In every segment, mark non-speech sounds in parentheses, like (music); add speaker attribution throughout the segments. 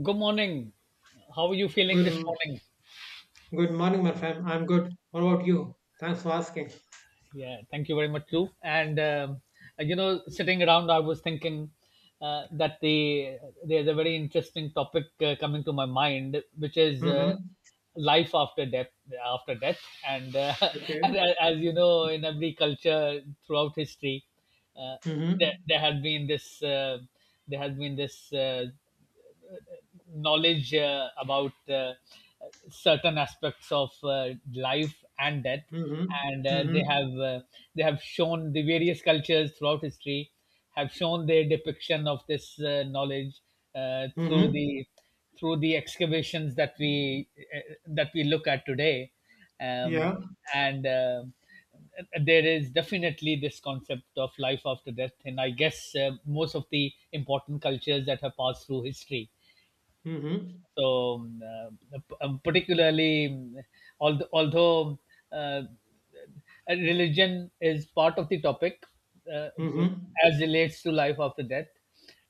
Speaker 1: Good morning. How are you feeling
Speaker 2: Good,
Speaker 1: this morning?
Speaker 2: good morning, my friend. I'm good. What about you? Thanks for asking.
Speaker 1: Yeah, thank you very much too. Sitting around, I was thinking that there's a very interesting topic coming to my mind, which is
Speaker 2: Mm-hmm.
Speaker 1: life after death. After death, and
Speaker 2: Okay.
Speaker 1: (laughs) as you know, in every culture throughout history, uh, there,
Speaker 2: Mm-hmm.
Speaker 1: there had been this knowledge about certain aspects of life and death
Speaker 2: Mm-hmm.
Speaker 1: and
Speaker 2: Mm-hmm.
Speaker 1: they have shown the various cultures throughout history have shown their depiction of this knowledge uh, through
Speaker 2: Mm-hmm.
Speaker 1: the through the excavations that we look at today. Um,
Speaker 2: Yeah.
Speaker 1: and There is definitely this concept of life after death, and I guess most of the important cultures that have passed through history.
Speaker 2: Mm-hmm.
Speaker 1: so, um, Particularly, although uh, religion is part of the topic uh,
Speaker 2: Mm-hmm.
Speaker 1: as relates to life after death,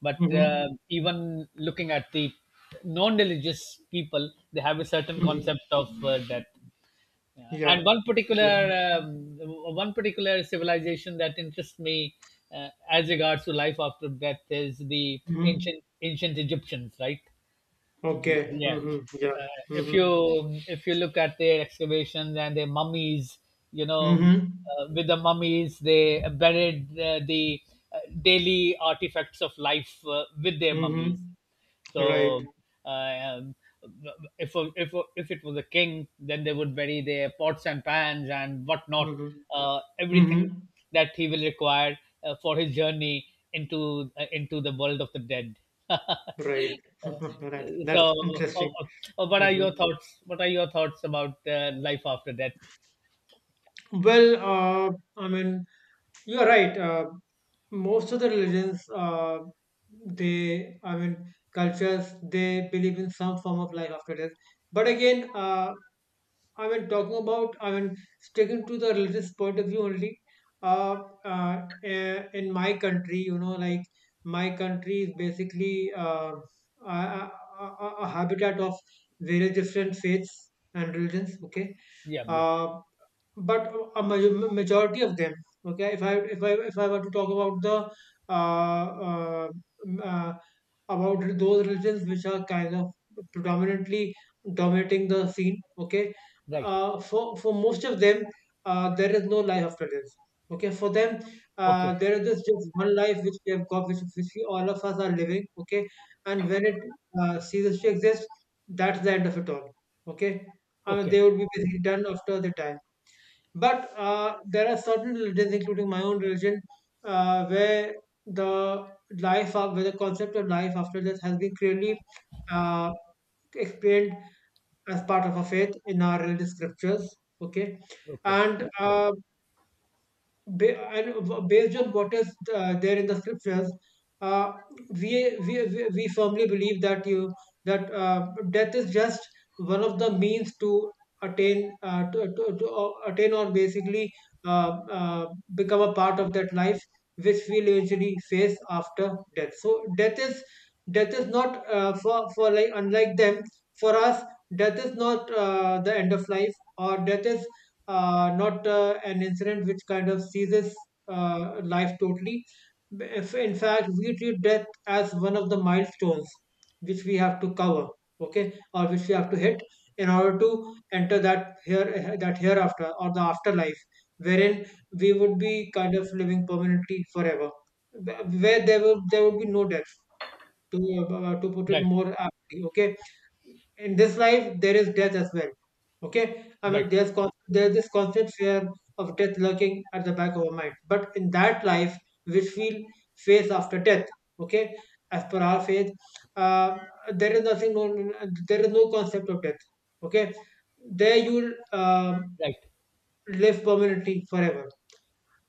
Speaker 1: but
Speaker 2: Mm-hmm.
Speaker 1: even looking at the non-religious people, they have a certain
Speaker 2: Mm-hmm.
Speaker 1: concept of death.
Speaker 2: Yeah.
Speaker 1: And one
Speaker 2: Yeah.
Speaker 1: particular One particular civilization that interests me as regards to life after death is the
Speaker 2: Mm-hmm.
Speaker 1: ancient Egyptians, right?
Speaker 2: Okay.
Speaker 1: Yeah.
Speaker 2: Mm-hmm. Yeah.
Speaker 1: uh, if you
Speaker 2: Mm-hmm.
Speaker 1: if you look at their excavations and their mummies, you know,
Speaker 2: Mm-hmm.
Speaker 1: with the mummies they buried the daily artifacts of life with their mummies.
Speaker 2: Mm-hmm.
Speaker 1: so
Speaker 2: Right.
Speaker 1: uh, um, if if it was a king, then they would bury their pots and pans and whatnot,
Speaker 2: Mm-hmm.
Speaker 1: everything
Speaker 2: Mm-hmm.
Speaker 1: that he will require for his journey into the world of the dead. (laughs)
Speaker 2: Right.
Speaker 1: Uh,
Speaker 2: (laughs) right. That's
Speaker 1: so, uh,
Speaker 2: interesting.
Speaker 1: what are
Speaker 2: Mm-hmm.
Speaker 1: your thoughts? What are your thoughts about life after death?
Speaker 2: Well, I mean, you're right. Most of the religions, they, I mean, cultures, they believe in some form of life after death. But again, I mean, talking about, I mean, sticking to the religious point of view only. Uh, in my country, you know, like my country is basically a, a, a habitat of various different faiths and religions. Okay.
Speaker 1: Yeah, yeah,
Speaker 2: Uh, but majority of them, okay, if I were to talk about the uh, uh, m- uh, about those religions which are kind of predominantly dominating the scene, okay,
Speaker 1: right.
Speaker 2: for most of them, there is no life after this, okay, for them
Speaker 1: Okay,
Speaker 2: there is just one life which we have got, which we, all of us are living, okay, and when it ceases to exist, that's the end of it all, okay.
Speaker 1: okay,
Speaker 2: They would be basically done after the time. But there are certain religions, including my own religion, where the where the concept of life after death has been clearly uh, explained as part of a faith in our religious scriptures. Okay,
Speaker 1: okay.
Speaker 2: and ba based on what is there in the scriptures, uh, we firmly believe that death is just one of the means to attain to attain, or basically uh, uh, become a part of that life which we'll usually face after death. So death is not for for like, unlike them, for us death is not the end of life, or death is not an incident which kind of seizes life totally. If in fact we treat death as one of the milestones which we have to cover, okay, or which we have to hit in order to enter that here that hereafter or the afterlife, wherein we would be kind of living permanently forever, where there would be no death. To put it
Speaker 1: Right,
Speaker 2: more aptly, okay, in this life there is death as well, okay. I mean,
Speaker 1: right,
Speaker 2: there's this constant fear of death lurking at the back of our mind, but in that life which we will face after death, okay, as per our faith, uh, there is nothing known, there is no concept of death, okay. There you'll
Speaker 1: right. (laughs)
Speaker 2: live permanently forever.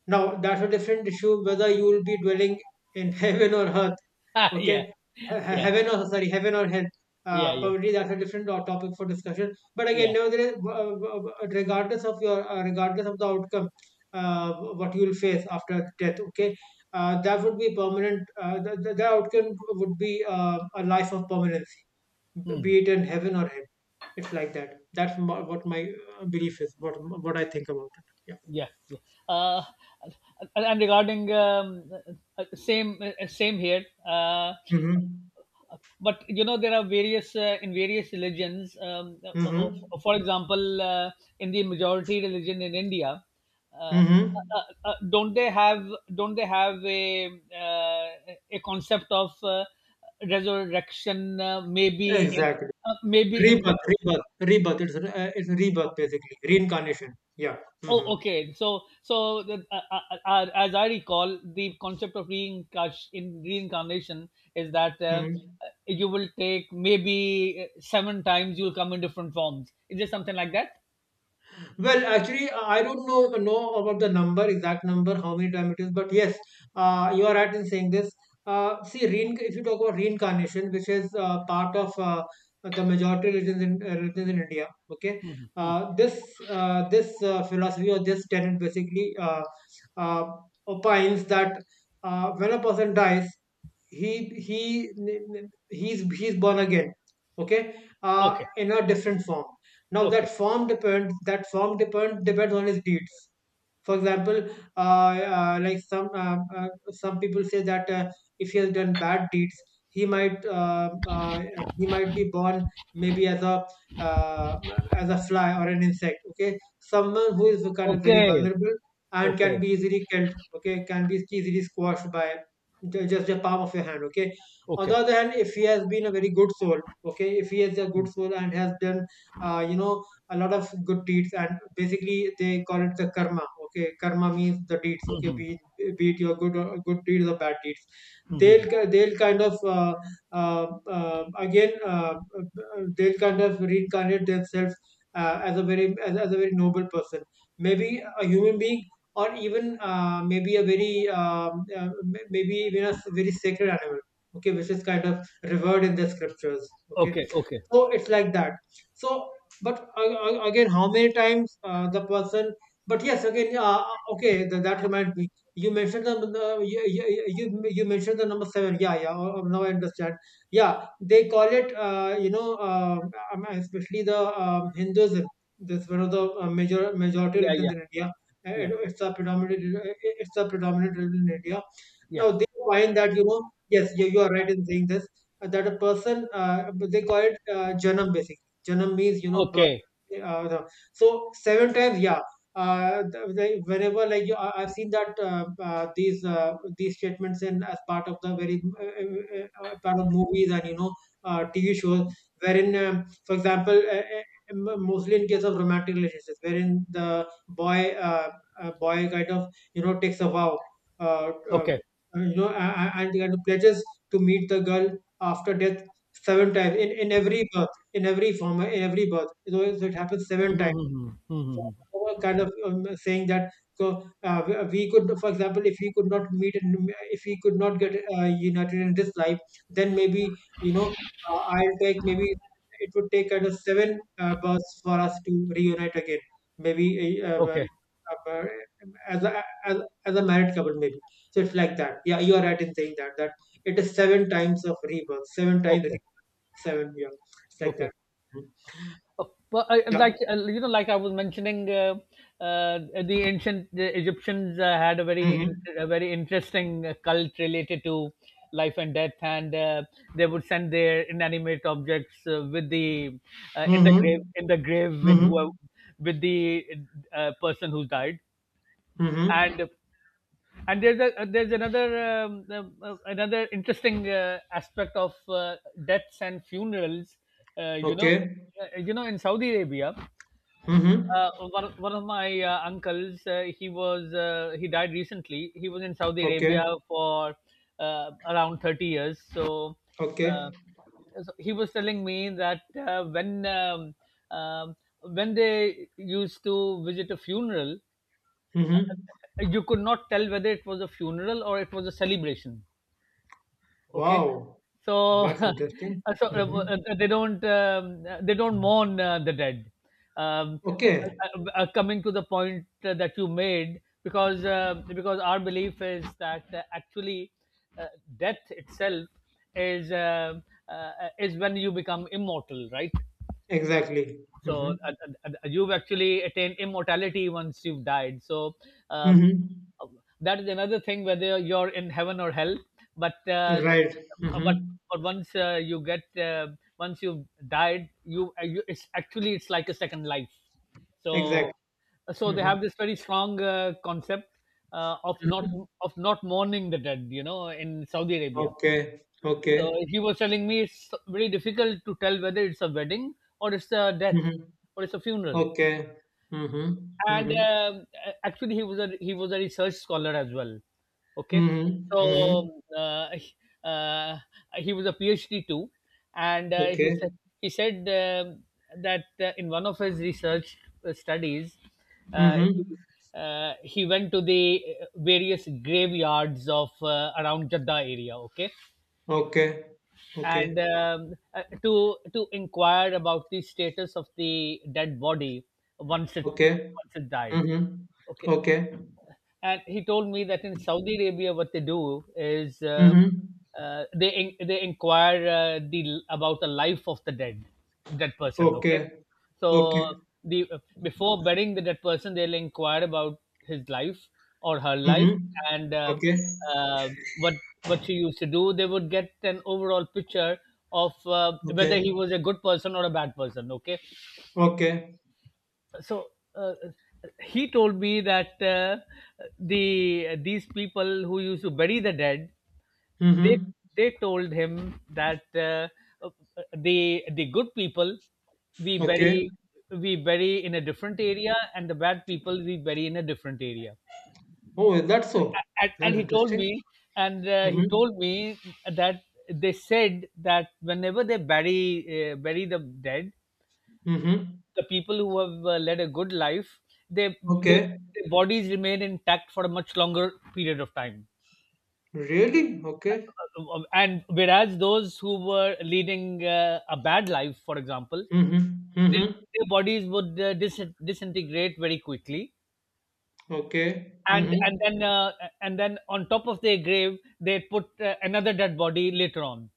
Speaker 2: Now, that's a different issue whether you will be dwelling in (laughs) heaven or earth.
Speaker 1: Ah, yeah,
Speaker 2: Okay,
Speaker 1: yeah,
Speaker 2: heaven or, sorry, heaven or hell.
Speaker 1: yeah, yeah,
Speaker 2: Probably that's a different topic for discussion. But again,
Speaker 1: yeah.
Speaker 2: nevertheless, regardless of your regardless of the outcome, uh, what you will face after death. Okay, that would be permanent. The outcome would be a life of permanency,
Speaker 1: Hmm.
Speaker 2: be it in heaven or hell. It's like that. What my belief is. What I think about it. Yeah.
Speaker 1: Yeah, yeah. Uh, and regarding Same, same here.
Speaker 2: Mm-hmm.
Speaker 1: But you know there are various in various religions,
Speaker 2: Mm-hmm.
Speaker 1: for example, in the majority religion in India, uh, uh,
Speaker 2: Mhm.
Speaker 1: uh, uh, don't they have don't they have uh, a concept of resurrection? Maybe in
Speaker 2: Exactly.
Speaker 1: maybe in
Speaker 2: Rebirth. It's rebirth
Speaker 1: okay.
Speaker 2: basically, reincarnation. Yeah.
Speaker 1: Oh,
Speaker 2: Hmm.
Speaker 1: okay. As I recall, the concept of reincarn- in reincarnation is that
Speaker 2: Hmm.
Speaker 1: you will take maybe seven times. You'll come in different forms. Is there something like that?
Speaker 2: Well, actually, I don't know about the number, exact number, how many time it is, but yes, you are right in saying this. If you talk about reincarnation, which is part of the majority religions in religions in India, okay, this philosophy or this tenet basically uh, opines that when a person dies, he he he's born again, okay,
Speaker 1: Okay.
Speaker 2: in a different form. Now
Speaker 1: Okay.
Speaker 2: that form depends. That form depend depends on his deeds. For example, some people say that if he has done bad deeds, he might uh, uh, he might be born maybe uh, as a fly or an insect. Okay, someone who is kind of very
Speaker 1: Okay.
Speaker 2: vulnerable and can
Speaker 1: Okay.
Speaker 2: be easily killed. Okay, can be easily squashed by just the palm of your hand. Okay. On the
Speaker 1: Okay.
Speaker 2: other hand, if he has been a very good soul, okay, if he is a good soul and has done, you know, a lot of good deeds, and basically they call it the karma, okay. Karma means the deeds, okay,
Speaker 1: Mhm.
Speaker 2: be it your good deeds or bad deeds,
Speaker 1: Mhm.
Speaker 2: they'll they'll kind of uh, again they'll kind of reincarnate themselves as as a very noble person, maybe a human being, or even maybe a very maybe even very sacred animal, okay, which is kind of revered in the scriptures, okay.
Speaker 1: Okay. Okay.
Speaker 2: So it's like that. So, but a- again, how many times the person? But yes, again, okay, that reminds me. You mentioned the, you mentioned the number seven. Yeah, yeah. Oh, now I understand. Yeah, they call it. You know, especially the Hinduism. That's one of the majority
Speaker 1: Yeah.
Speaker 2: religions
Speaker 1: Yeah.
Speaker 2: in India.
Speaker 1: Yeah.
Speaker 2: It's a predominant. It's a predominant religion in India.
Speaker 1: Yeah.
Speaker 2: Now they find that, you know. Yes, you are right in saying this, that a person, they call it janam. Basically janam means, you know,
Speaker 1: Okay.
Speaker 2: birth. So Seven times, yeah. Whenever, like, I- I've seen that these statements in, as part of the very part of movies, and you know, TV shows, wherein for example, mostly in case of romantic relationships, wherein the boy uh, boy kind of, you know, takes a vow, uh, uh,
Speaker 1: Okay.
Speaker 2: you know, and kind of pledges to meet the girl after death seven times, in every birth, in every form, in every birth. So, so it happens seven times,
Speaker 1: Mhm. Mhm. Mhm.
Speaker 2: were kind of saying that. So we could, for example, if we could not get united in this life, then maybe, you know, I'll take, maybe it would take kind of seven births for us to reunite again, maybe uh, uh,
Speaker 1: Okay.
Speaker 2: uh, uh, as a, as, as a married couple, maybe. So it's like that. Yeah, you are right in saying that, it is seven times of rebirth,
Speaker 1: Okay.
Speaker 2: seven, yeah. It's like
Speaker 1: Okay.
Speaker 2: that. Mhm.
Speaker 1: Well,
Speaker 2: Yeah.
Speaker 1: like you know, like I was mentioning, uh, the ancient the Egyptians had a
Speaker 2: Mm-hmm.
Speaker 1: a very interesting cult related to life and death, and they would send their inanimate objects with the in
Speaker 2: Mm-hmm.
Speaker 1: the grave with
Speaker 2: Mm-hmm.
Speaker 1: whoever, with the person who died,
Speaker 2: Mm-hmm.
Speaker 1: and and there's a there's another another interesting aspect of deaths and funerals. Uh, you know,
Speaker 2: Okay.
Speaker 1: you know, in Saudi Arabia.
Speaker 2: Mm-hmm.
Speaker 1: One of my uncles, he died recently. He was in Saudi Arabia
Speaker 2: Okay.
Speaker 1: for around 30 years. Uh,
Speaker 2: Okay.
Speaker 1: so he was telling me that um, when they used to visit a funeral,
Speaker 2: Mm-hmm.
Speaker 1: you could not tell whether it was a funeral or it was a celebration. Okay.
Speaker 2: Wow.
Speaker 1: So,
Speaker 2: That's interesting.
Speaker 1: (laughs) so
Speaker 2: Mm-hmm.
Speaker 1: they don't mourn the dead.
Speaker 2: Okay.
Speaker 1: Coming to the point that you made, because our belief is that actually uh, death itself is um, is when you become immortal, right?
Speaker 2: Exactly.
Speaker 1: so
Speaker 2: Mm-hmm.
Speaker 1: uh, you've actually attained immortality once you've died. Uh,
Speaker 2: Mm-hmm.
Speaker 1: that is another thing whether you're in heaven or hell, but uh,
Speaker 2: Right.
Speaker 1: but
Speaker 2: Mm-hmm.
Speaker 1: once you get once you've died, you it's actually it's like a second life. so
Speaker 2: Exactly.
Speaker 1: so they
Speaker 2: Mm-hmm.
Speaker 1: have this very strong concept of
Speaker 2: Mm-hmm.
Speaker 1: not mourning the dead, you know, in Saudi Arabia.
Speaker 2: Okay.
Speaker 1: So
Speaker 2: Okay.
Speaker 1: he was telling me it's very difficult to tell whether it's a wedding or it's a death
Speaker 2: Mm-hmm.
Speaker 1: or it's a funeral.
Speaker 2: Okay. Mm-hmm.
Speaker 1: And
Speaker 2: Mm-hmm.
Speaker 1: a- actually, he was a research scholar as well. Okay, so
Speaker 2: Mm-hmm. Mm-hmm.
Speaker 1: um, uh, he- uh, he was a PhD too, and he
Speaker 2: Okay.
Speaker 1: said he said um that in one of his research studies, uh, he,
Speaker 2: Mm-hmm.
Speaker 1: he went to the various graveyards of around Jeddah area. Okay,
Speaker 2: Okay.
Speaker 1: and
Speaker 2: Okay.
Speaker 1: To inquire about the status of the dead body once it
Speaker 2: Okay.
Speaker 1: once it died.
Speaker 2: Mm-hmm.
Speaker 1: Okay.
Speaker 2: Okay.
Speaker 1: And he told me that in Saudi Arabia, what they do is
Speaker 2: Mm-hmm.
Speaker 1: they in, they inquire the about the life of the dead person. Okay.
Speaker 2: Okay.
Speaker 1: so
Speaker 2: Okay.
Speaker 1: the Before burying the dead person, they'll inquire about his life or her
Speaker 2: Mhm.
Speaker 1: life. And
Speaker 2: Okay.
Speaker 1: uh, what she used to do. They would get an overall picture of whether
Speaker 2: Okay.
Speaker 1: he was a good person or a bad person. Okay,
Speaker 2: Okay.
Speaker 1: so uh, he told me that these people who used to bury the dead, they
Speaker 2: Mhm.
Speaker 1: they told him that the good people we
Speaker 2: Okay.
Speaker 1: bury we bury in a different area, and the bad people we bury in a different area.
Speaker 2: Oh, is that so?
Speaker 1: and,
Speaker 2: That's
Speaker 1: and he told
Speaker 2: interesting.
Speaker 1: me and he
Speaker 2: Mhm.
Speaker 1: told me that they said that whenever they bury the dead,
Speaker 2: Mhm.
Speaker 1: the people who have led a good life, they, they,
Speaker 2: Okay.
Speaker 1: their bodies remain intact for a much longer period of time.
Speaker 2: Really? Okay.
Speaker 1: And whereas those who were leading a bad life, for example,
Speaker 2: Mhm.
Speaker 1: their,
Speaker 2: Mhm.
Speaker 1: their bodies would disintegrate very quickly.
Speaker 2: Okay.
Speaker 1: And, and
Speaker 2: Mhm.
Speaker 1: then uh, and then on top of their grave they put another dead body later on.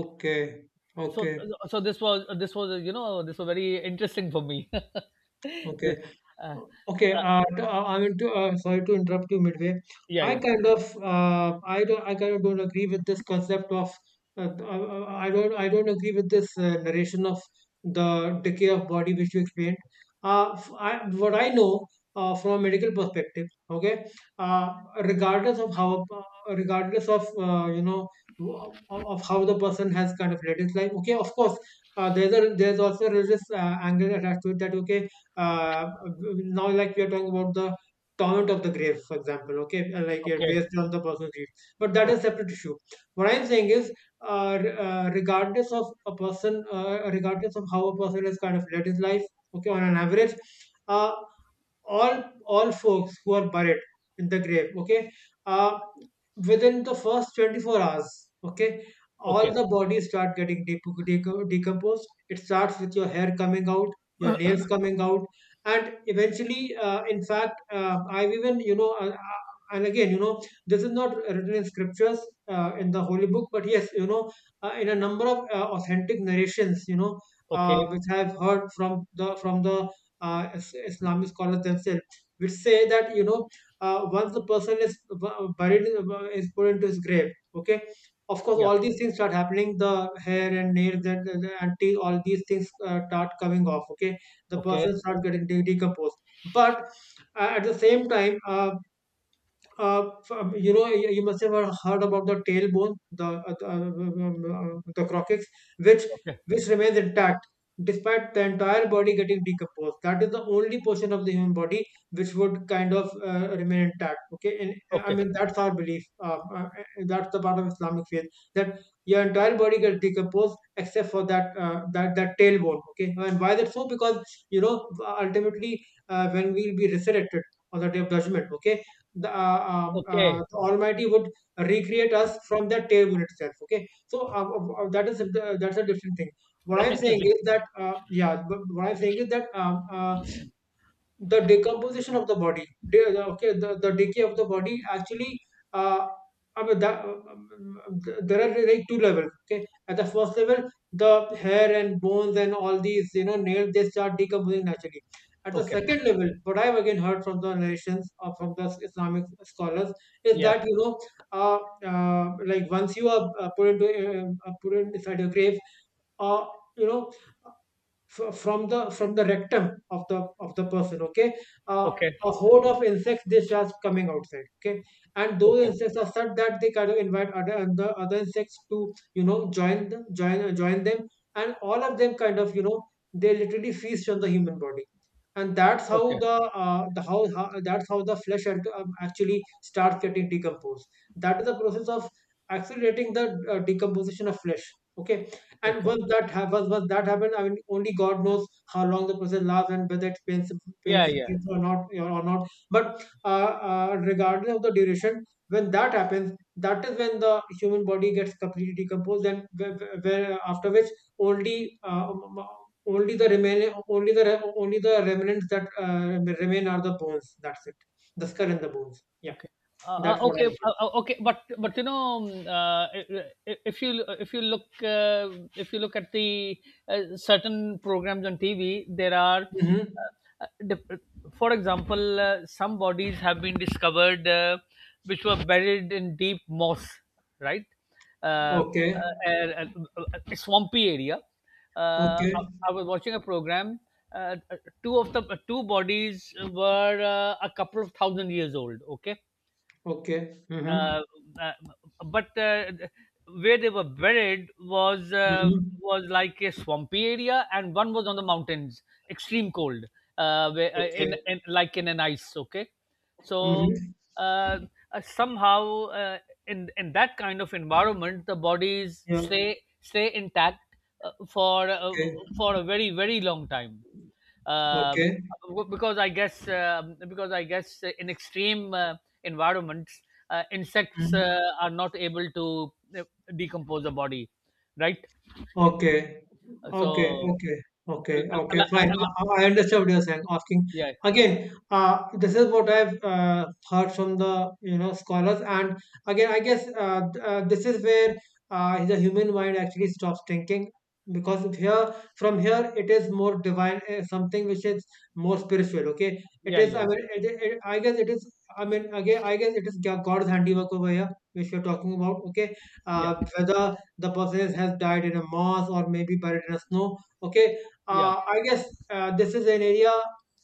Speaker 2: Okay.
Speaker 1: so
Speaker 2: Okay.
Speaker 1: so this was you know, this was very interesting for me. (laughs)
Speaker 2: Okay.
Speaker 1: this uh,
Speaker 2: Okay,
Speaker 1: uh,
Speaker 2: I mean to, sorry to interrupt you midway.
Speaker 1: yeah,
Speaker 2: I
Speaker 1: yeah,
Speaker 2: kind of, I don't, I kind of don't agree with this concept of uh, th- uh, I don't agree with this narration of the decay of body which you explained. I, what I know from a medical perspective, okay, uh, regardless of how regardless of you know, of how the person has kind of led his life, okay, of course, there's a there's also a religious angle attached to it, that okay, uh, now like we are talking about the torment of the grave, for example, okay, and, like, you're
Speaker 1: okay,
Speaker 2: based on the person's grief, but that is
Speaker 1: okay,
Speaker 2: separate issue. What I'm saying is regardless of a person, regardless of how a person has kind of led his life, okay, on an average, uh, all folks who are buried in the grave, okay, uh, within the first 24 hours, okay, all
Speaker 1: okay.
Speaker 2: the bodies start getting decomposed. It starts with your hair coming out, your nails coming out, and eventually, in fact I've even, you know, and again, you know, this is not written in scriptures, in the holy book, but yes, you know, in a number of authentic narrations, you know,
Speaker 1: Okay.
Speaker 2: which I've heard from the Islamic scholars themselves, which say that, you know, once the person is buried, is put into his grave. Okay, of course,
Speaker 1: Yeah.
Speaker 2: all these things start happening. The hair and nails and, and teeth, all these things start coming off. Okay, the
Speaker 1: Okay.
Speaker 2: person starts getting decomposed. But at the same time, you know, you must have heard about the tailbone, the uh, the, uh, um, um, um, the coccyx, which
Speaker 1: Okay.
Speaker 2: which remains intact despite the entire body getting decomposed. That is the only portion of the human body which would kind of remain intact. Okay, and I
Speaker 1: Okay.
Speaker 2: mean that's our belief. That's the part of Islamic faith that your entire body gets decomposed except for that tailbone. Okay, and why that so? Because you know, ultimately, when we'll be resurrected on the day of judgment. Okay,
Speaker 1: Okay.
Speaker 2: the Almighty would recreate us from that table itself. Okay, so that's a different thing. What
Speaker 1: That's
Speaker 2: I'm saying
Speaker 1: interesting.
Speaker 2: is that yeah, but what I'm saying is that the decomposition of the body okay, the decay of the body actually, uh, I mean that, there are like two levels. Okay, at the first level the hair and bones and all these, you know, nails, they start decomposing naturally. At the
Speaker 1: Okay.
Speaker 2: second level what I've again heard from the narrations or from the Islamic scholars is
Speaker 1: Yeah.
Speaker 2: that, you know, uh, like once you are put in inside your grave, uh, you know from the rectum of the person. Okay, uh,
Speaker 1: Okay.
Speaker 2: a horde of insects, they start coming outside. Okay, and those
Speaker 1: Okay.
Speaker 2: insects are such that they kind of invite other and the other insects to, you know, join them, join them. And all of them kind of, you know, they literally feast on the human body, and that's how
Speaker 1: Okay.
Speaker 2: that's how the flesh actually starts getting decomposed. That is the process of accelerating the decomposition of flesh. Okay, and
Speaker 1: Okay.
Speaker 2: once that happens, I mean, only God knows how long the process lasts and whether it's painful,
Speaker 1: Yeah.
Speaker 2: painful
Speaker 1: Yeah.
Speaker 2: or not, But regardless of the duration, when that happens, that is when the human body gets completely decomposed, and where after which only only the remain only the re- only the remnants that remain are the bones. That's it, the skull and the bones. Yeah,
Speaker 1: Okay.
Speaker 2: that's what I heard.
Speaker 1: Okay, but you know, i- if you if you look uh, if you look at the certain programs on TV, there are,
Speaker 2: Mm-hmm.
Speaker 1: uh, dif- for example, some bodies have been discovered which were buried in deep moss, right? Uh, uh,
Speaker 2: Okay.
Speaker 1: uh, Swampy area.
Speaker 2: Okay.
Speaker 1: I was watching a program. Uh, uh, Two of the two bodies were a couple of thousand years old. Okay.
Speaker 2: Okay. Mm-hmm.
Speaker 1: uh, uh, but Where they were buried
Speaker 2: Mm-hmm.
Speaker 1: was like a swampy area, and one was on the mountains, extreme cold,
Speaker 2: Okay.
Speaker 1: in like in an ice. Okay. so
Speaker 2: Mm-hmm.
Speaker 1: uh, Somehow in that kind of environment, the bodies
Speaker 2: Yeah.
Speaker 1: stay intact uh, for uh,
Speaker 2: Okay.
Speaker 1: for a very long time. Um,
Speaker 2: Okay.
Speaker 1: because I guess in extreme environments, insects
Speaker 2: Mm.
Speaker 1: are not able to uh, decompose the body, right?
Speaker 2: Okay.
Speaker 1: So,
Speaker 2: Okay. Okay. Okay.
Speaker 1: al- al-
Speaker 2: Okay.
Speaker 1: al-
Speaker 2: Fine.
Speaker 1: al-
Speaker 2: I understand what you're saying. Asking
Speaker 1: yeah,
Speaker 2: again, this is what I've heard from the, you know, scholars, and again, I guess this is where the human mind actually stops thinking because of here, from here it is more divine, something which is more spiritual. Okay, it
Speaker 1: yeah,
Speaker 2: is. I
Speaker 1: yeah,
Speaker 2: mean, I guess it is. I mean, again, I guess it is God's handiwork over here, which we're talking about. Okay,
Speaker 1: yeah,
Speaker 2: whether the buses has died in a moss or maybe buried in a snow, okay,
Speaker 1: yeah,
Speaker 2: I guess this is an area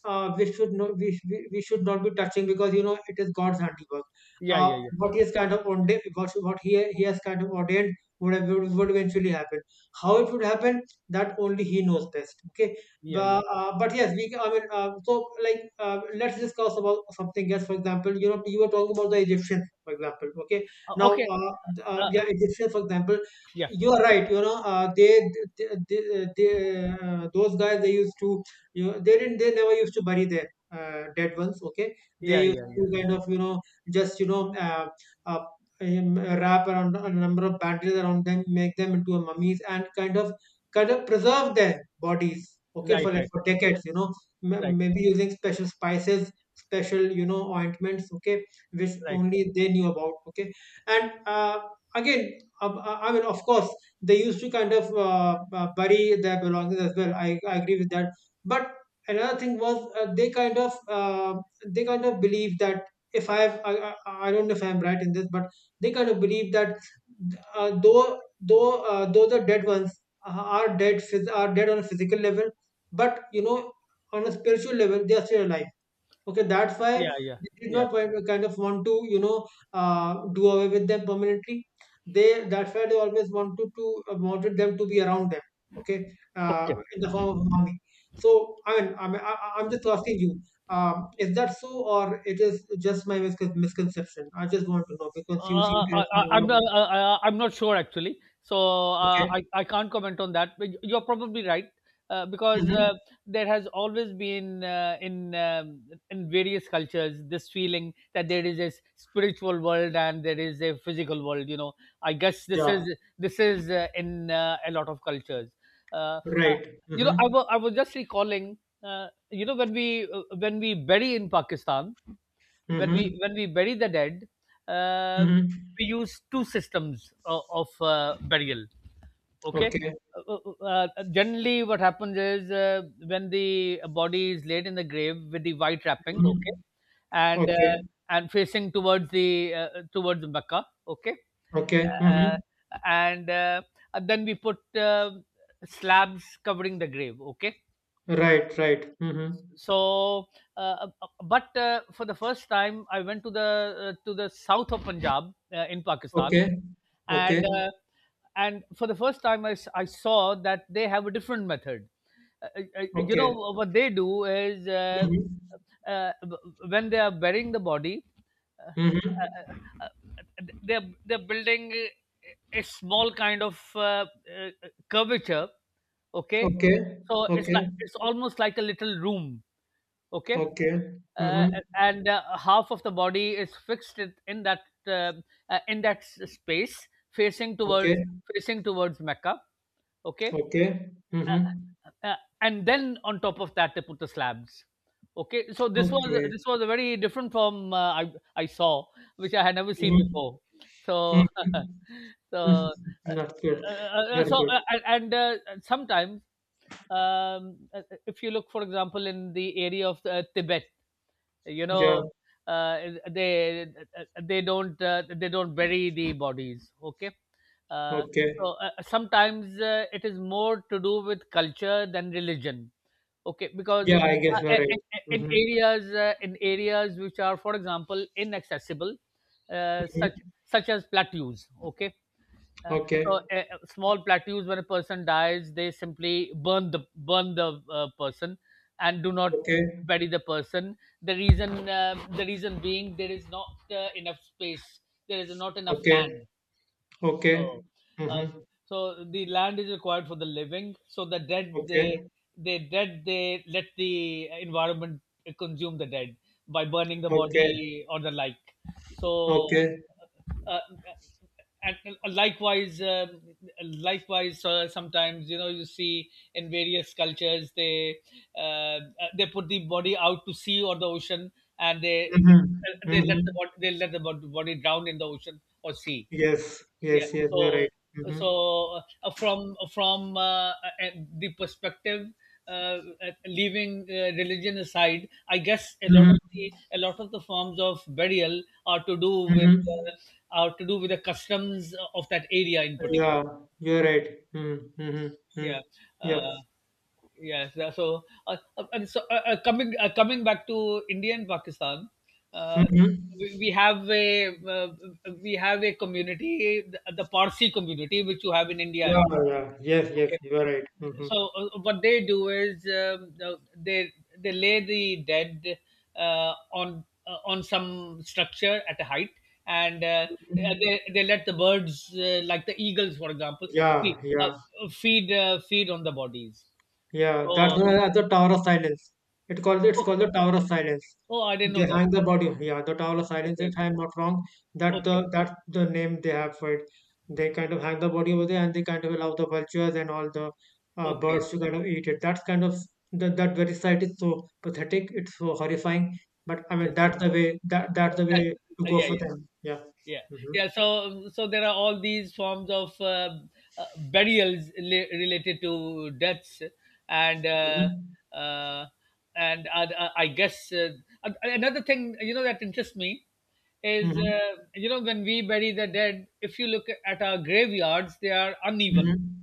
Speaker 2: we should not, we should not be touching because, you know, it is God's handiwork.
Speaker 1: yeah, yeah, yeah,
Speaker 2: What he has kind of ordained, he has kind of ordained would, have, would eventually happen. How it would happen, that only he knows best. Okay,
Speaker 1: yeah, yeah.
Speaker 2: but yes, I mean, so like, let's discuss about something else. For example, you know, you were talking about the Egyptians, for example. Okay, now
Speaker 1: Okay, uh,
Speaker 2: yeah, Egyptians for example,
Speaker 1: yeah,
Speaker 2: you are right, you know, they those guys, they used to, you know, they didn't, they never used to bury their dead ones. Okay, they
Speaker 1: yeah,
Speaker 2: used
Speaker 1: yeah, yeah.
Speaker 2: to kind of, you know, just, you know, uh, wrap around a number of bandages around them, make them into a mummies, and kind of preserve their bodies, okay,
Speaker 1: Right,
Speaker 2: for like
Speaker 1: right,
Speaker 2: for
Speaker 1: right,
Speaker 2: decades, you know.
Speaker 1: right.
Speaker 2: Maybe using special spices, special, you know, ointments, okay, which
Speaker 1: Right.
Speaker 2: only they knew about. Okay, and again, I mean, of course, they used to kind of bury their belongings as well. I agree with that. But another thing was, they kind of believe that, if I have I, I don't know if I'm right in this, but they kind of believe that though the dead ones are dead are dead on a physical level, but, you know, on a spiritual level they are still alive. Okay, that's why
Speaker 1: Yeah, yeah,
Speaker 2: they did
Speaker 1: yeah.
Speaker 2: not kind of want to, you know, do away with them permanently. They That's why they always wanted to wanted them to be around them. Okay,
Speaker 1: Okay.
Speaker 2: in the form of army. So I mean, I'm just asking you, is that so, or it is just my misconception? I just want to know because you seem to have seen
Speaker 1: I-
Speaker 2: a
Speaker 1: I'm
Speaker 2: lot of
Speaker 1: not.
Speaker 2: it.
Speaker 1: I'm not sure actually. So
Speaker 2: Okay.
Speaker 1: uh, I can't comment on that. But you're probably right, because
Speaker 2: Mm-hmm.
Speaker 1: there has always been in various cultures this feeling that there is a spiritual world and there is a physical world. You know, I guess
Speaker 2: Yeah.
Speaker 1: this is in a lot of cultures. Uh, uh,
Speaker 2: Right.
Speaker 1: you know,
Speaker 2: Mm-hmm.
Speaker 1: I was just recalling. You know, when we bury in Pakistan,
Speaker 2: Mm-hmm.
Speaker 1: when we bury the dead, uh,
Speaker 2: Mm-hmm.
Speaker 1: we use two systems of burial. Okay.
Speaker 2: Okay.
Speaker 1: Generally what happens is when the body is laid in the grave with the white wrapping,
Speaker 2: Mm-hmm.
Speaker 1: okay, and
Speaker 2: Okay.
Speaker 1: uh, and facing towards the towards Mecca, okay,
Speaker 2: Okay.
Speaker 1: uh,
Speaker 2: Mm-hmm.
Speaker 1: and then we put slabs covering the grave, okay.
Speaker 2: Right. Right. Mm-hmm.
Speaker 1: So, uh, uh, but for the first time, I went to the south of Punjab in Pakistan,
Speaker 2: Okay.
Speaker 1: and
Speaker 2: Okay.
Speaker 1: uh, and for the first time I saw that they have a different method. Uh, you know
Speaker 2: Okay.
Speaker 1: what they do is,
Speaker 2: Mhm.
Speaker 1: when they are burying the body, uh,
Speaker 2: Mhm.
Speaker 1: uh, uh, they're building a small kind of uh, curvature, okay,
Speaker 2: Okay.
Speaker 1: so it's
Speaker 2: Okay.
Speaker 1: like, it's almost like a little room, okay.
Speaker 2: Okay.
Speaker 1: uh,
Speaker 2: Mhm.
Speaker 1: and half of the body is fixed in that, uh, in that space, facing towards,
Speaker 2: Okay.
Speaker 1: facing towards Mecca, okay.
Speaker 2: Okay.
Speaker 1: uh,
Speaker 2: Mhm.
Speaker 1: uh, and then on top of that they put the slabs, okay. So this was,
Speaker 2: Okay.
Speaker 1: this was a very different from, I saw, which I had never seen
Speaker 2: Mhm.
Speaker 1: before.
Speaker 2: Mhm.
Speaker 1: So (laughs) so
Speaker 2: Mhm. (laughs) That's good. That's
Speaker 1: so
Speaker 2: good.
Speaker 1: sometimes, if you look, for example, in the area of Tibet, you
Speaker 2: Yeah.
Speaker 1: know, uh, they they don't bury the bodies, okay. uh,
Speaker 2: Okay.
Speaker 1: so sometimes it is more to do with culture than religion, okay, because
Speaker 2: Yeah, I guess you're right.
Speaker 1: in
Speaker 2: Mm-hmm.
Speaker 1: areas, in areas which are, for example, inaccessible, such,
Speaker 2: Mm-hmm.
Speaker 1: such as plateaus, okay. uh,
Speaker 2: Okay.
Speaker 1: so small plateaus, when a person dies they simply burn the person, and do not
Speaker 2: Okay.
Speaker 1: bury the person. The reason, the reason being, there is not enough space, there is not enough
Speaker 2: Okay.
Speaker 1: land.
Speaker 2: Okay.
Speaker 1: So, um,
Speaker 2: Mm-hmm.
Speaker 1: so the land is required for the living. So the dead, they
Speaker 2: Okay.
Speaker 1: they dead, they let the environment consume the dead by burning the
Speaker 2: Okay.
Speaker 1: body or the like. So,
Speaker 2: Okay.
Speaker 1: uh, uh, and likewise, likewise, sometimes, you know, you see in various cultures they, uh, they put the body out to sea or the ocean, and they
Speaker 2: Mm-hmm.
Speaker 1: they let the
Speaker 2: Mm-hmm.
Speaker 1: body, they let the body drown in the ocean or sea.
Speaker 2: Yes.
Speaker 1: Yeah.
Speaker 2: Yes. Yes. You're
Speaker 1: So,
Speaker 2: right. Mm-hmm.
Speaker 1: so from the perspective, uh, leaving religion aside, I guess a lot of
Speaker 2: Mm-hmm.
Speaker 1: the, a lot of the forms of burial are to do with,
Speaker 2: Mm-hmm.
Speaker 1: are to do with the customs of that area in particular.
Speaker 2: Yeah, you're right. Mm, mm-hmm, mm.
Speaker 1: Yeah.
Speaker 2: Yeah.
Speaker 1: Uh, yes, yeah. So and so, coming, coming back to India and Pakistan, uh,
Speaker 2: Mm-hmm.
Speaker 1: we have a, we have a community, the Parsi community, which you have in India as
Speaker 2: Yeah,
Speaker 1: well.
Speaker 2: yeah. Yes, yes,
Speaker 1: Okay,
Speaker 2: you're right. Mm-hmm.
Speaker 1: so what they do is, they lay the dead on on some structure at a height, and they let the birds, like the eagles, for example, feed
Speaker 2: Yeah,
Speaker 1: uh,
Speaker 2: yeah.
Speaker 1: feed on the bodies.
Speaker 2: Yeah, that's
Speaker 1: So,
Speaker 2: known as the Tower of Silence. It's called the Tower of Silence.
Speaker 1: oh, I didn't
Speaker 2: They
Speaker 1: know that.
Speaker 2: hang the body. Yeah, the Tower of Silence.
Speaker 1: Okay,
Speaker 2: If
Speaker 1: okay,
Speaker 2: I'm not wrong, that
Speaker 1: okay,
Speaker 2: the that's the name they have for it. They kind of hang the body over there, and they kind of allow the vultures and all the
Speaker 1: okay.
Speaker 2: birds to kind of eat it. That's kind of that that very sight is so pathetic. It's so horrifying. But I
Speaker 1: It
Speaker 2: mean,
Speaker 1: is.
Speaker 2: that's the
Speaker 1: That,
Speaker 2: way to go
Speaker 1: yeah,
Speaker 2: for
Speaker 1: yeah,
Speaker 2: them. Yeah.
Speaker 1: yeah,
Speaker 2: Mm-hmm.
Speaker 1: yeah. So, so there are all these forms of, burials, related to deaths, and uh, I guess, a- another thing, you know, that interests me is,
Speaker 2: Mm-hmm.
Speaker 1: you know, when we bury the dead, if you look at our graveyards, they are uneven.
Speaker 2: Mm-hmm.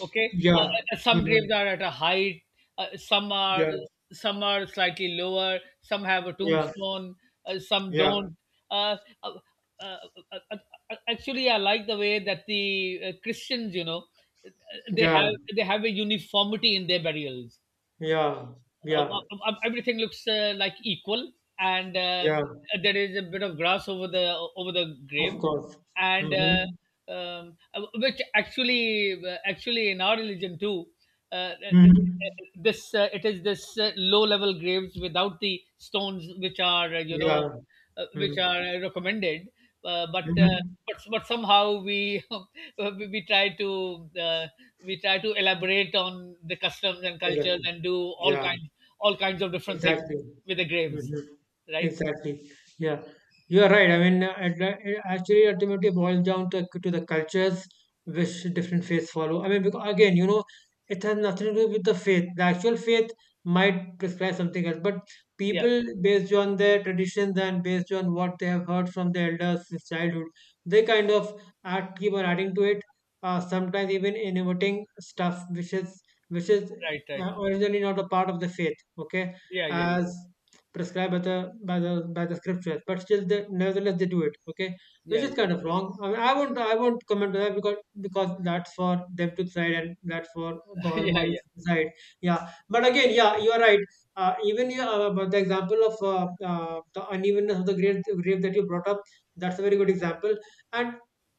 Speaker 1: Okay.
Speaker 2: Yeah.
Speaker 1: Some
Speaker 2: Mm-hmm.
Speaker 1: graves are at a height, some are,
Speaker 2: Yeah.
Speaker 1: some are slightly lower, some have a
Speaker 2: Yeah.
Speaker 1: tombstone, some
Speaker 2: Yeah.
Speaker 1: don't. Uh, uh, uh, uh, uh, actually, I like the way that the, Christians, you know, uh, they
Speaker 2: Yeah.
Speaker 1: have they have a uniformity in their burials.
Speaker 2: Yeah,
Speaker 1: uh, uh,
Speaker 2: yeah,
Speaker 1: Everything looks, like, equal, and
Speaker 2: yeah,
Speaker 1: there is a bit of grass over the
Speaker 2: of
Speaker 1: grave,
Speaker 2: course.
Speaker 1: and
Speaker 2: Mm-hmm.
Speaker 1: which actually, actually in our religion too, uh, uh, uh,
Speaker 2: Mm-hmm.
Speaker 1: this it is this low level graves without the stones, which are, you know,
Speaker 2: Yeah.
Speaker 1: which
Speaker 2: Mm-hmm.
Speaker 1: are, recommended, but,
Speaker 2: Mm-hmm.
Speaker 1: but somehow we (laughs) we try to, uh, we try to elaborate on the customs and cultures
Speaker 2: Exactly.
Speaker 1: and do all
Speaker 2: Yeah.
Speaker 1: kinds, all kinds of different things
Speaker 2: Exactly.
Speaker 1: with the graves,
Speaker 2: Hmm.
Speaker 1: right?
Speaker 2: Exactly. Yeah, you are right. I mean, at the, it actually ultimately boils down to the cultures which different faiths follow. I mean, because again, you know, it has nothing to do with the faith. The actual faith might prescribe something else, but
Speaker 1: Yeah,
Speaker 2: people, based on their traditions and based on what they have heard from their elders since childhood, they kind of add, keep on adding to it. Sometimes even innovating stuff which is which is
Speaker 1: right, right.
Speaker 2: originally not a part of the faith. Okay,
Speaker 1: Yeah, yeah, yeah,
Speaker 2: as prescribed by the scriptures, but still, they nevertheless they do it. Okay, which
Speaker 1: yeah,
Speaker 2: is kind of wrong. Mean, I won't comment on that because that's for them to decide and that's for the
Speaker 1: yeah,
Speaker 2: Almighty
Speaker 1: yeah.
Speaker 2: to decide. Yeah, but again, yeah, you are right, even, yeah, about the example of the unevenness of the grave that you brought up. That's a very good example. and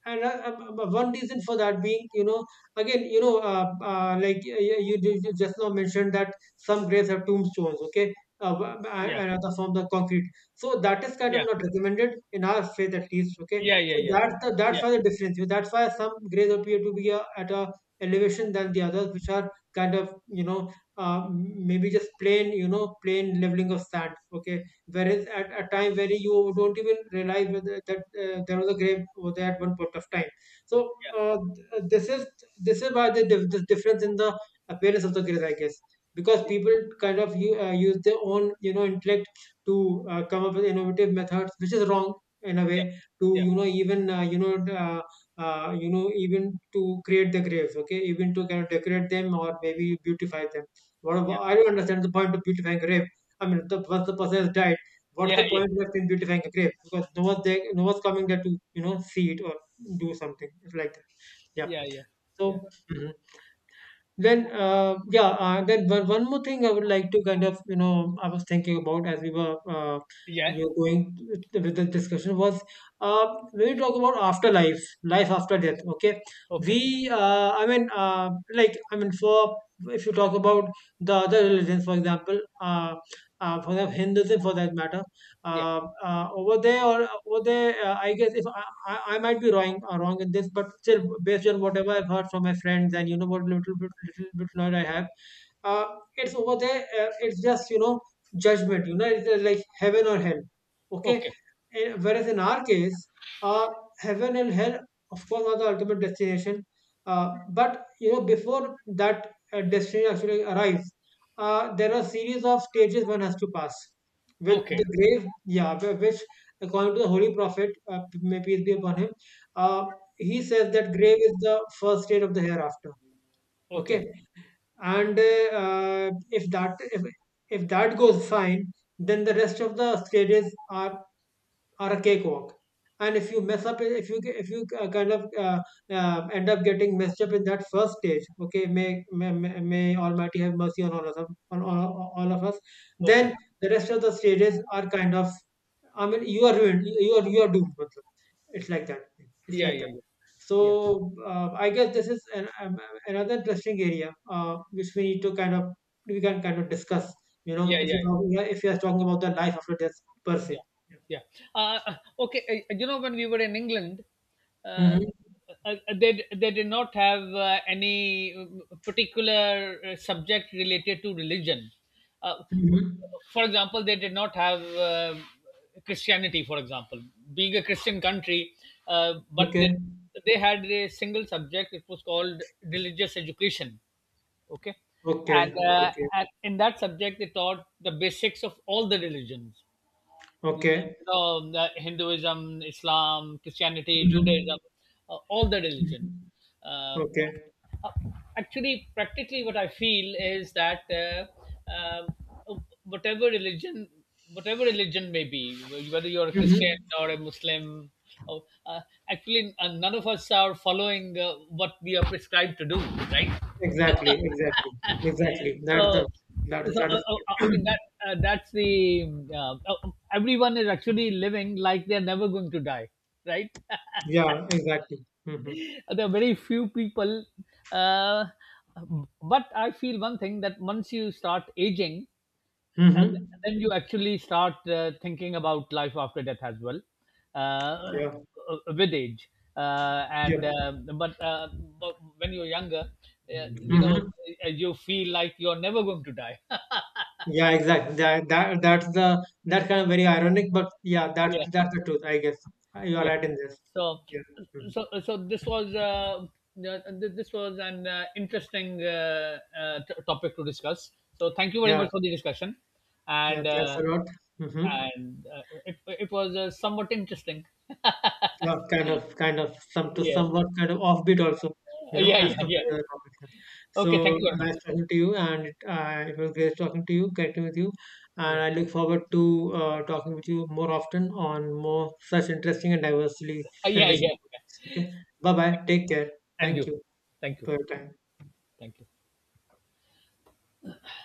Speaker 2: and one reason for that being, you know, again, you know, you, you just now mentioned that some graves have tombstones. Okay, uh,
Speaker 1: (laughs) Yeah,
Speaker 2: and other form the concrete. So that is kind of not recommended in our faith, at least. Okay,
Speaker 1: yeah, yeah,
Speaker 2: so
Speaker 1: yeah,
Speaker 2: that's the, that's
Speaker 1: yeah,
Speaker 2: why the difference. That's why some graves appear to be at a elevation than the others, which are kind of, you know, maybe just plain, you know, plain leveling of sand. Okay, whereas at a time where you don't even realize whether that there was a grave over there at one point of time. So this is why the, this difference in the appearance of the grave, I guess, because people kind of use their own, you know, intellect to come up with innovative methods, which is wrong in a way, to,
Speaker 1: yeah, yeah,
Speaker 2: you know, even, uh, you know, even to create the graves. Okay, even to kind of decorate them or maybe beautify them. What
Speaker 1: yeah,
Speaker 2: about, I don't understand the point of beautifying a grave. I mean, once the person has died, what's
Speaker 1: yeah,
Speaker 2: the
Speaker 1: yeah,
Speaker 2: point of in beautifying a grave, because no one's there, no one's coming there to, you know, see it or do something like that. Yeah.
Speaker 1: yeah, yeah, yeah, yeah, yeah,
Speaker 2: So
Speaker 1: yeah,
Speaker 2: mhm. Then, yeah, then one more thing I would like to kind of, you know, I was thinking about as we were,
Speaker 1: yeah.
Speaker 2: you know, going with the discussion was, when we talk about afterlife, life after death, okay?
Speaker 1: Okay.
Speaker 2: We, I mean, like, I mean, for if you talk about the other religions, for example, for the Hinduism for that matter,
Speaker 1: Yeah,
Speaker 2: over there, I guess, if I, I might be wrong in this, but still based on whatever I've heard from my friends and, you know, what little bit knowledge I have, uh, it's over there, it's just, you know, judgment, you know, it's, like heaven or hell. Okay,
Speaker 1: okay,
Speaker 2: eh, whereas in our case, uh, heaven and hell of course are the ultimate destination, uh, but, you know, before that destination actually arrives, there are series of stages one has to pass with the
Speaker 1: okay,
Speaker 2: grave. Yeah, which, according to the holy prophet, may peace be upon him, uh, he says that grave is the first stage of the hereafter. Okay,
Speaker 1: okay,
Speaker 2: and if that goes fine, then the rest of the stages are a cakewalk. And if you mess up, if you kind of end up getting messed up in that first stage, okay, may Almighty have mercy on all of us, on all of us.
Speaker 1: okay.
Speaker 2: Then the rest of the stages are kind of, I mean, you are ruined, you are doomed मतलब. It's like that, it's
Speaker 1: Yeah,
Speaker 2: like that
Speaker 1: yeah,
Speaker 2: so
Speaker 1: yeah,
Speaker 2: I guess this is an, another interesting area which we need to kind of discuss. You know,
Speaker 1: yeah,
Speaker 2: if
Speaker 1: yeah,
Speaker 2: you talk,
Speaker 1: yeah,
Speaker 2: yeah, if you are talking about the life after death per se.
Speaker 1: yeah,
Speaker 2: Yeah.
Speaker 1: yeah. Okay, you know, when we were in England, uh,
Speaker 2: Mm-hmm.
Speaker 1: they did not have any, particular, subject related to religion. Uh,
Speaker 2: Mm-hmm.
Speaker 1: for example, they did not have, Christianity, for example, being a Christian country, uh, but they,
Speaker 2: Okay.
Speaker 1: they had a single subject, it was called religious education, okay. And,
Speaker 2: Okay. Okay.
Speaker 1: and in that subject they taught the basics of all the religions, you
Speaker 2: Okay.
Speaker 1: know, the Hinduism, Islam, Christianity,
Speaker 2: Mm-hmm.
Speaker 1: Judaism, all the religions.
Speaker 2: Mm-hmm.
Speaker 1: uh,
Speaker 2: Okay.
Speaker 1: uh, Actually, practically, what I feel is that, uh, whatever religion, whatever religion may be, whether you're a Christian
Speaker 2: Mm-hmm.
Speaker 1: or a Muslim, or, actually, none of us are following what we are prescribed to do, right?
Speaker 2: Exactly. Exactly. Exactly.
Speaker 1: So,
Speaker 2: That is
Speaker 1: so
Speaker 2: that is.
Speaker 1: I
Speaker 2: (clears throat)
Speaker 1: mean that, that's the, everyone is actually living like they're never going to die, right?
Speaker 2: Yeah. Exactly. Mm-hmm.
Speaker 1: (laughs) There are very few people, uh, but I feel one thing, that once you start aging, and
Speaker 2: Mm-hmm.
Speaker 1: then you actually start thinking about life after death as well, uh,
Speaker 2: Yeah.
Speaker 1: with age,
Speaker 2: Yeah.
Speaker 1: and but, uh, but when you're younger, you know,
Speaker 2: Mm-hmm.
Speaker 1: you feel like you're never going to die.
Speaker 2: Yeah, exactly. That's the, that's kind of very ironic, but yeah,
Speaker 1: (laughs)
Speaker 2: that's the truth, I guess. You are
Speaker 1: Yeah.
Speaker 2: right in this.
Speaker 1: So,
Speaker 2: Yeah. Mhm.
Speaker 1: so this was an, interesting, topic to discuss, so thank you very
Speaker 2: Yeah,
Speaker 1: much for the discussion.
Speaker 2: yeah.
Speaker 1: and
Speaker 2: That's
Speaker 1: uh,
Speaker 2: a lot. Hmm.
Speaker 1: it, it was, somewhat interesting.
Speaker 2: Yeah, kind of, some to
Speaker 1: Yeah.
Speaker 2: somewhat kind of offbeat also, you know,
Speaker 1: Yeah,
Speaker 2: as
Speaker 1: yeah, yeah.
Speaker 2: compared to the topic here.
Speaker 1: Okay,
Speaker 2: So
Speaker 1: thank you very much.
Speaker 2: nice talking to you, and it, it was great talking to you, connecting with you, and
Speaker 1: Yeah.
Speaker 2: I look forward to talking with you more often on more such interesting and diversely
Speaker 1: Uh, yeah,
Speaker 2: enriching
Speaker 1: yeah.
Speaker 2: topics. Okay, bye bye. Take care.
Speaker 1: And
Speaker 2: Thank
Speaker 1: you,
Speaker 2: you
Speaker 1: thank you.
Speaker 2: for your time.
Speaker 1: Thank you.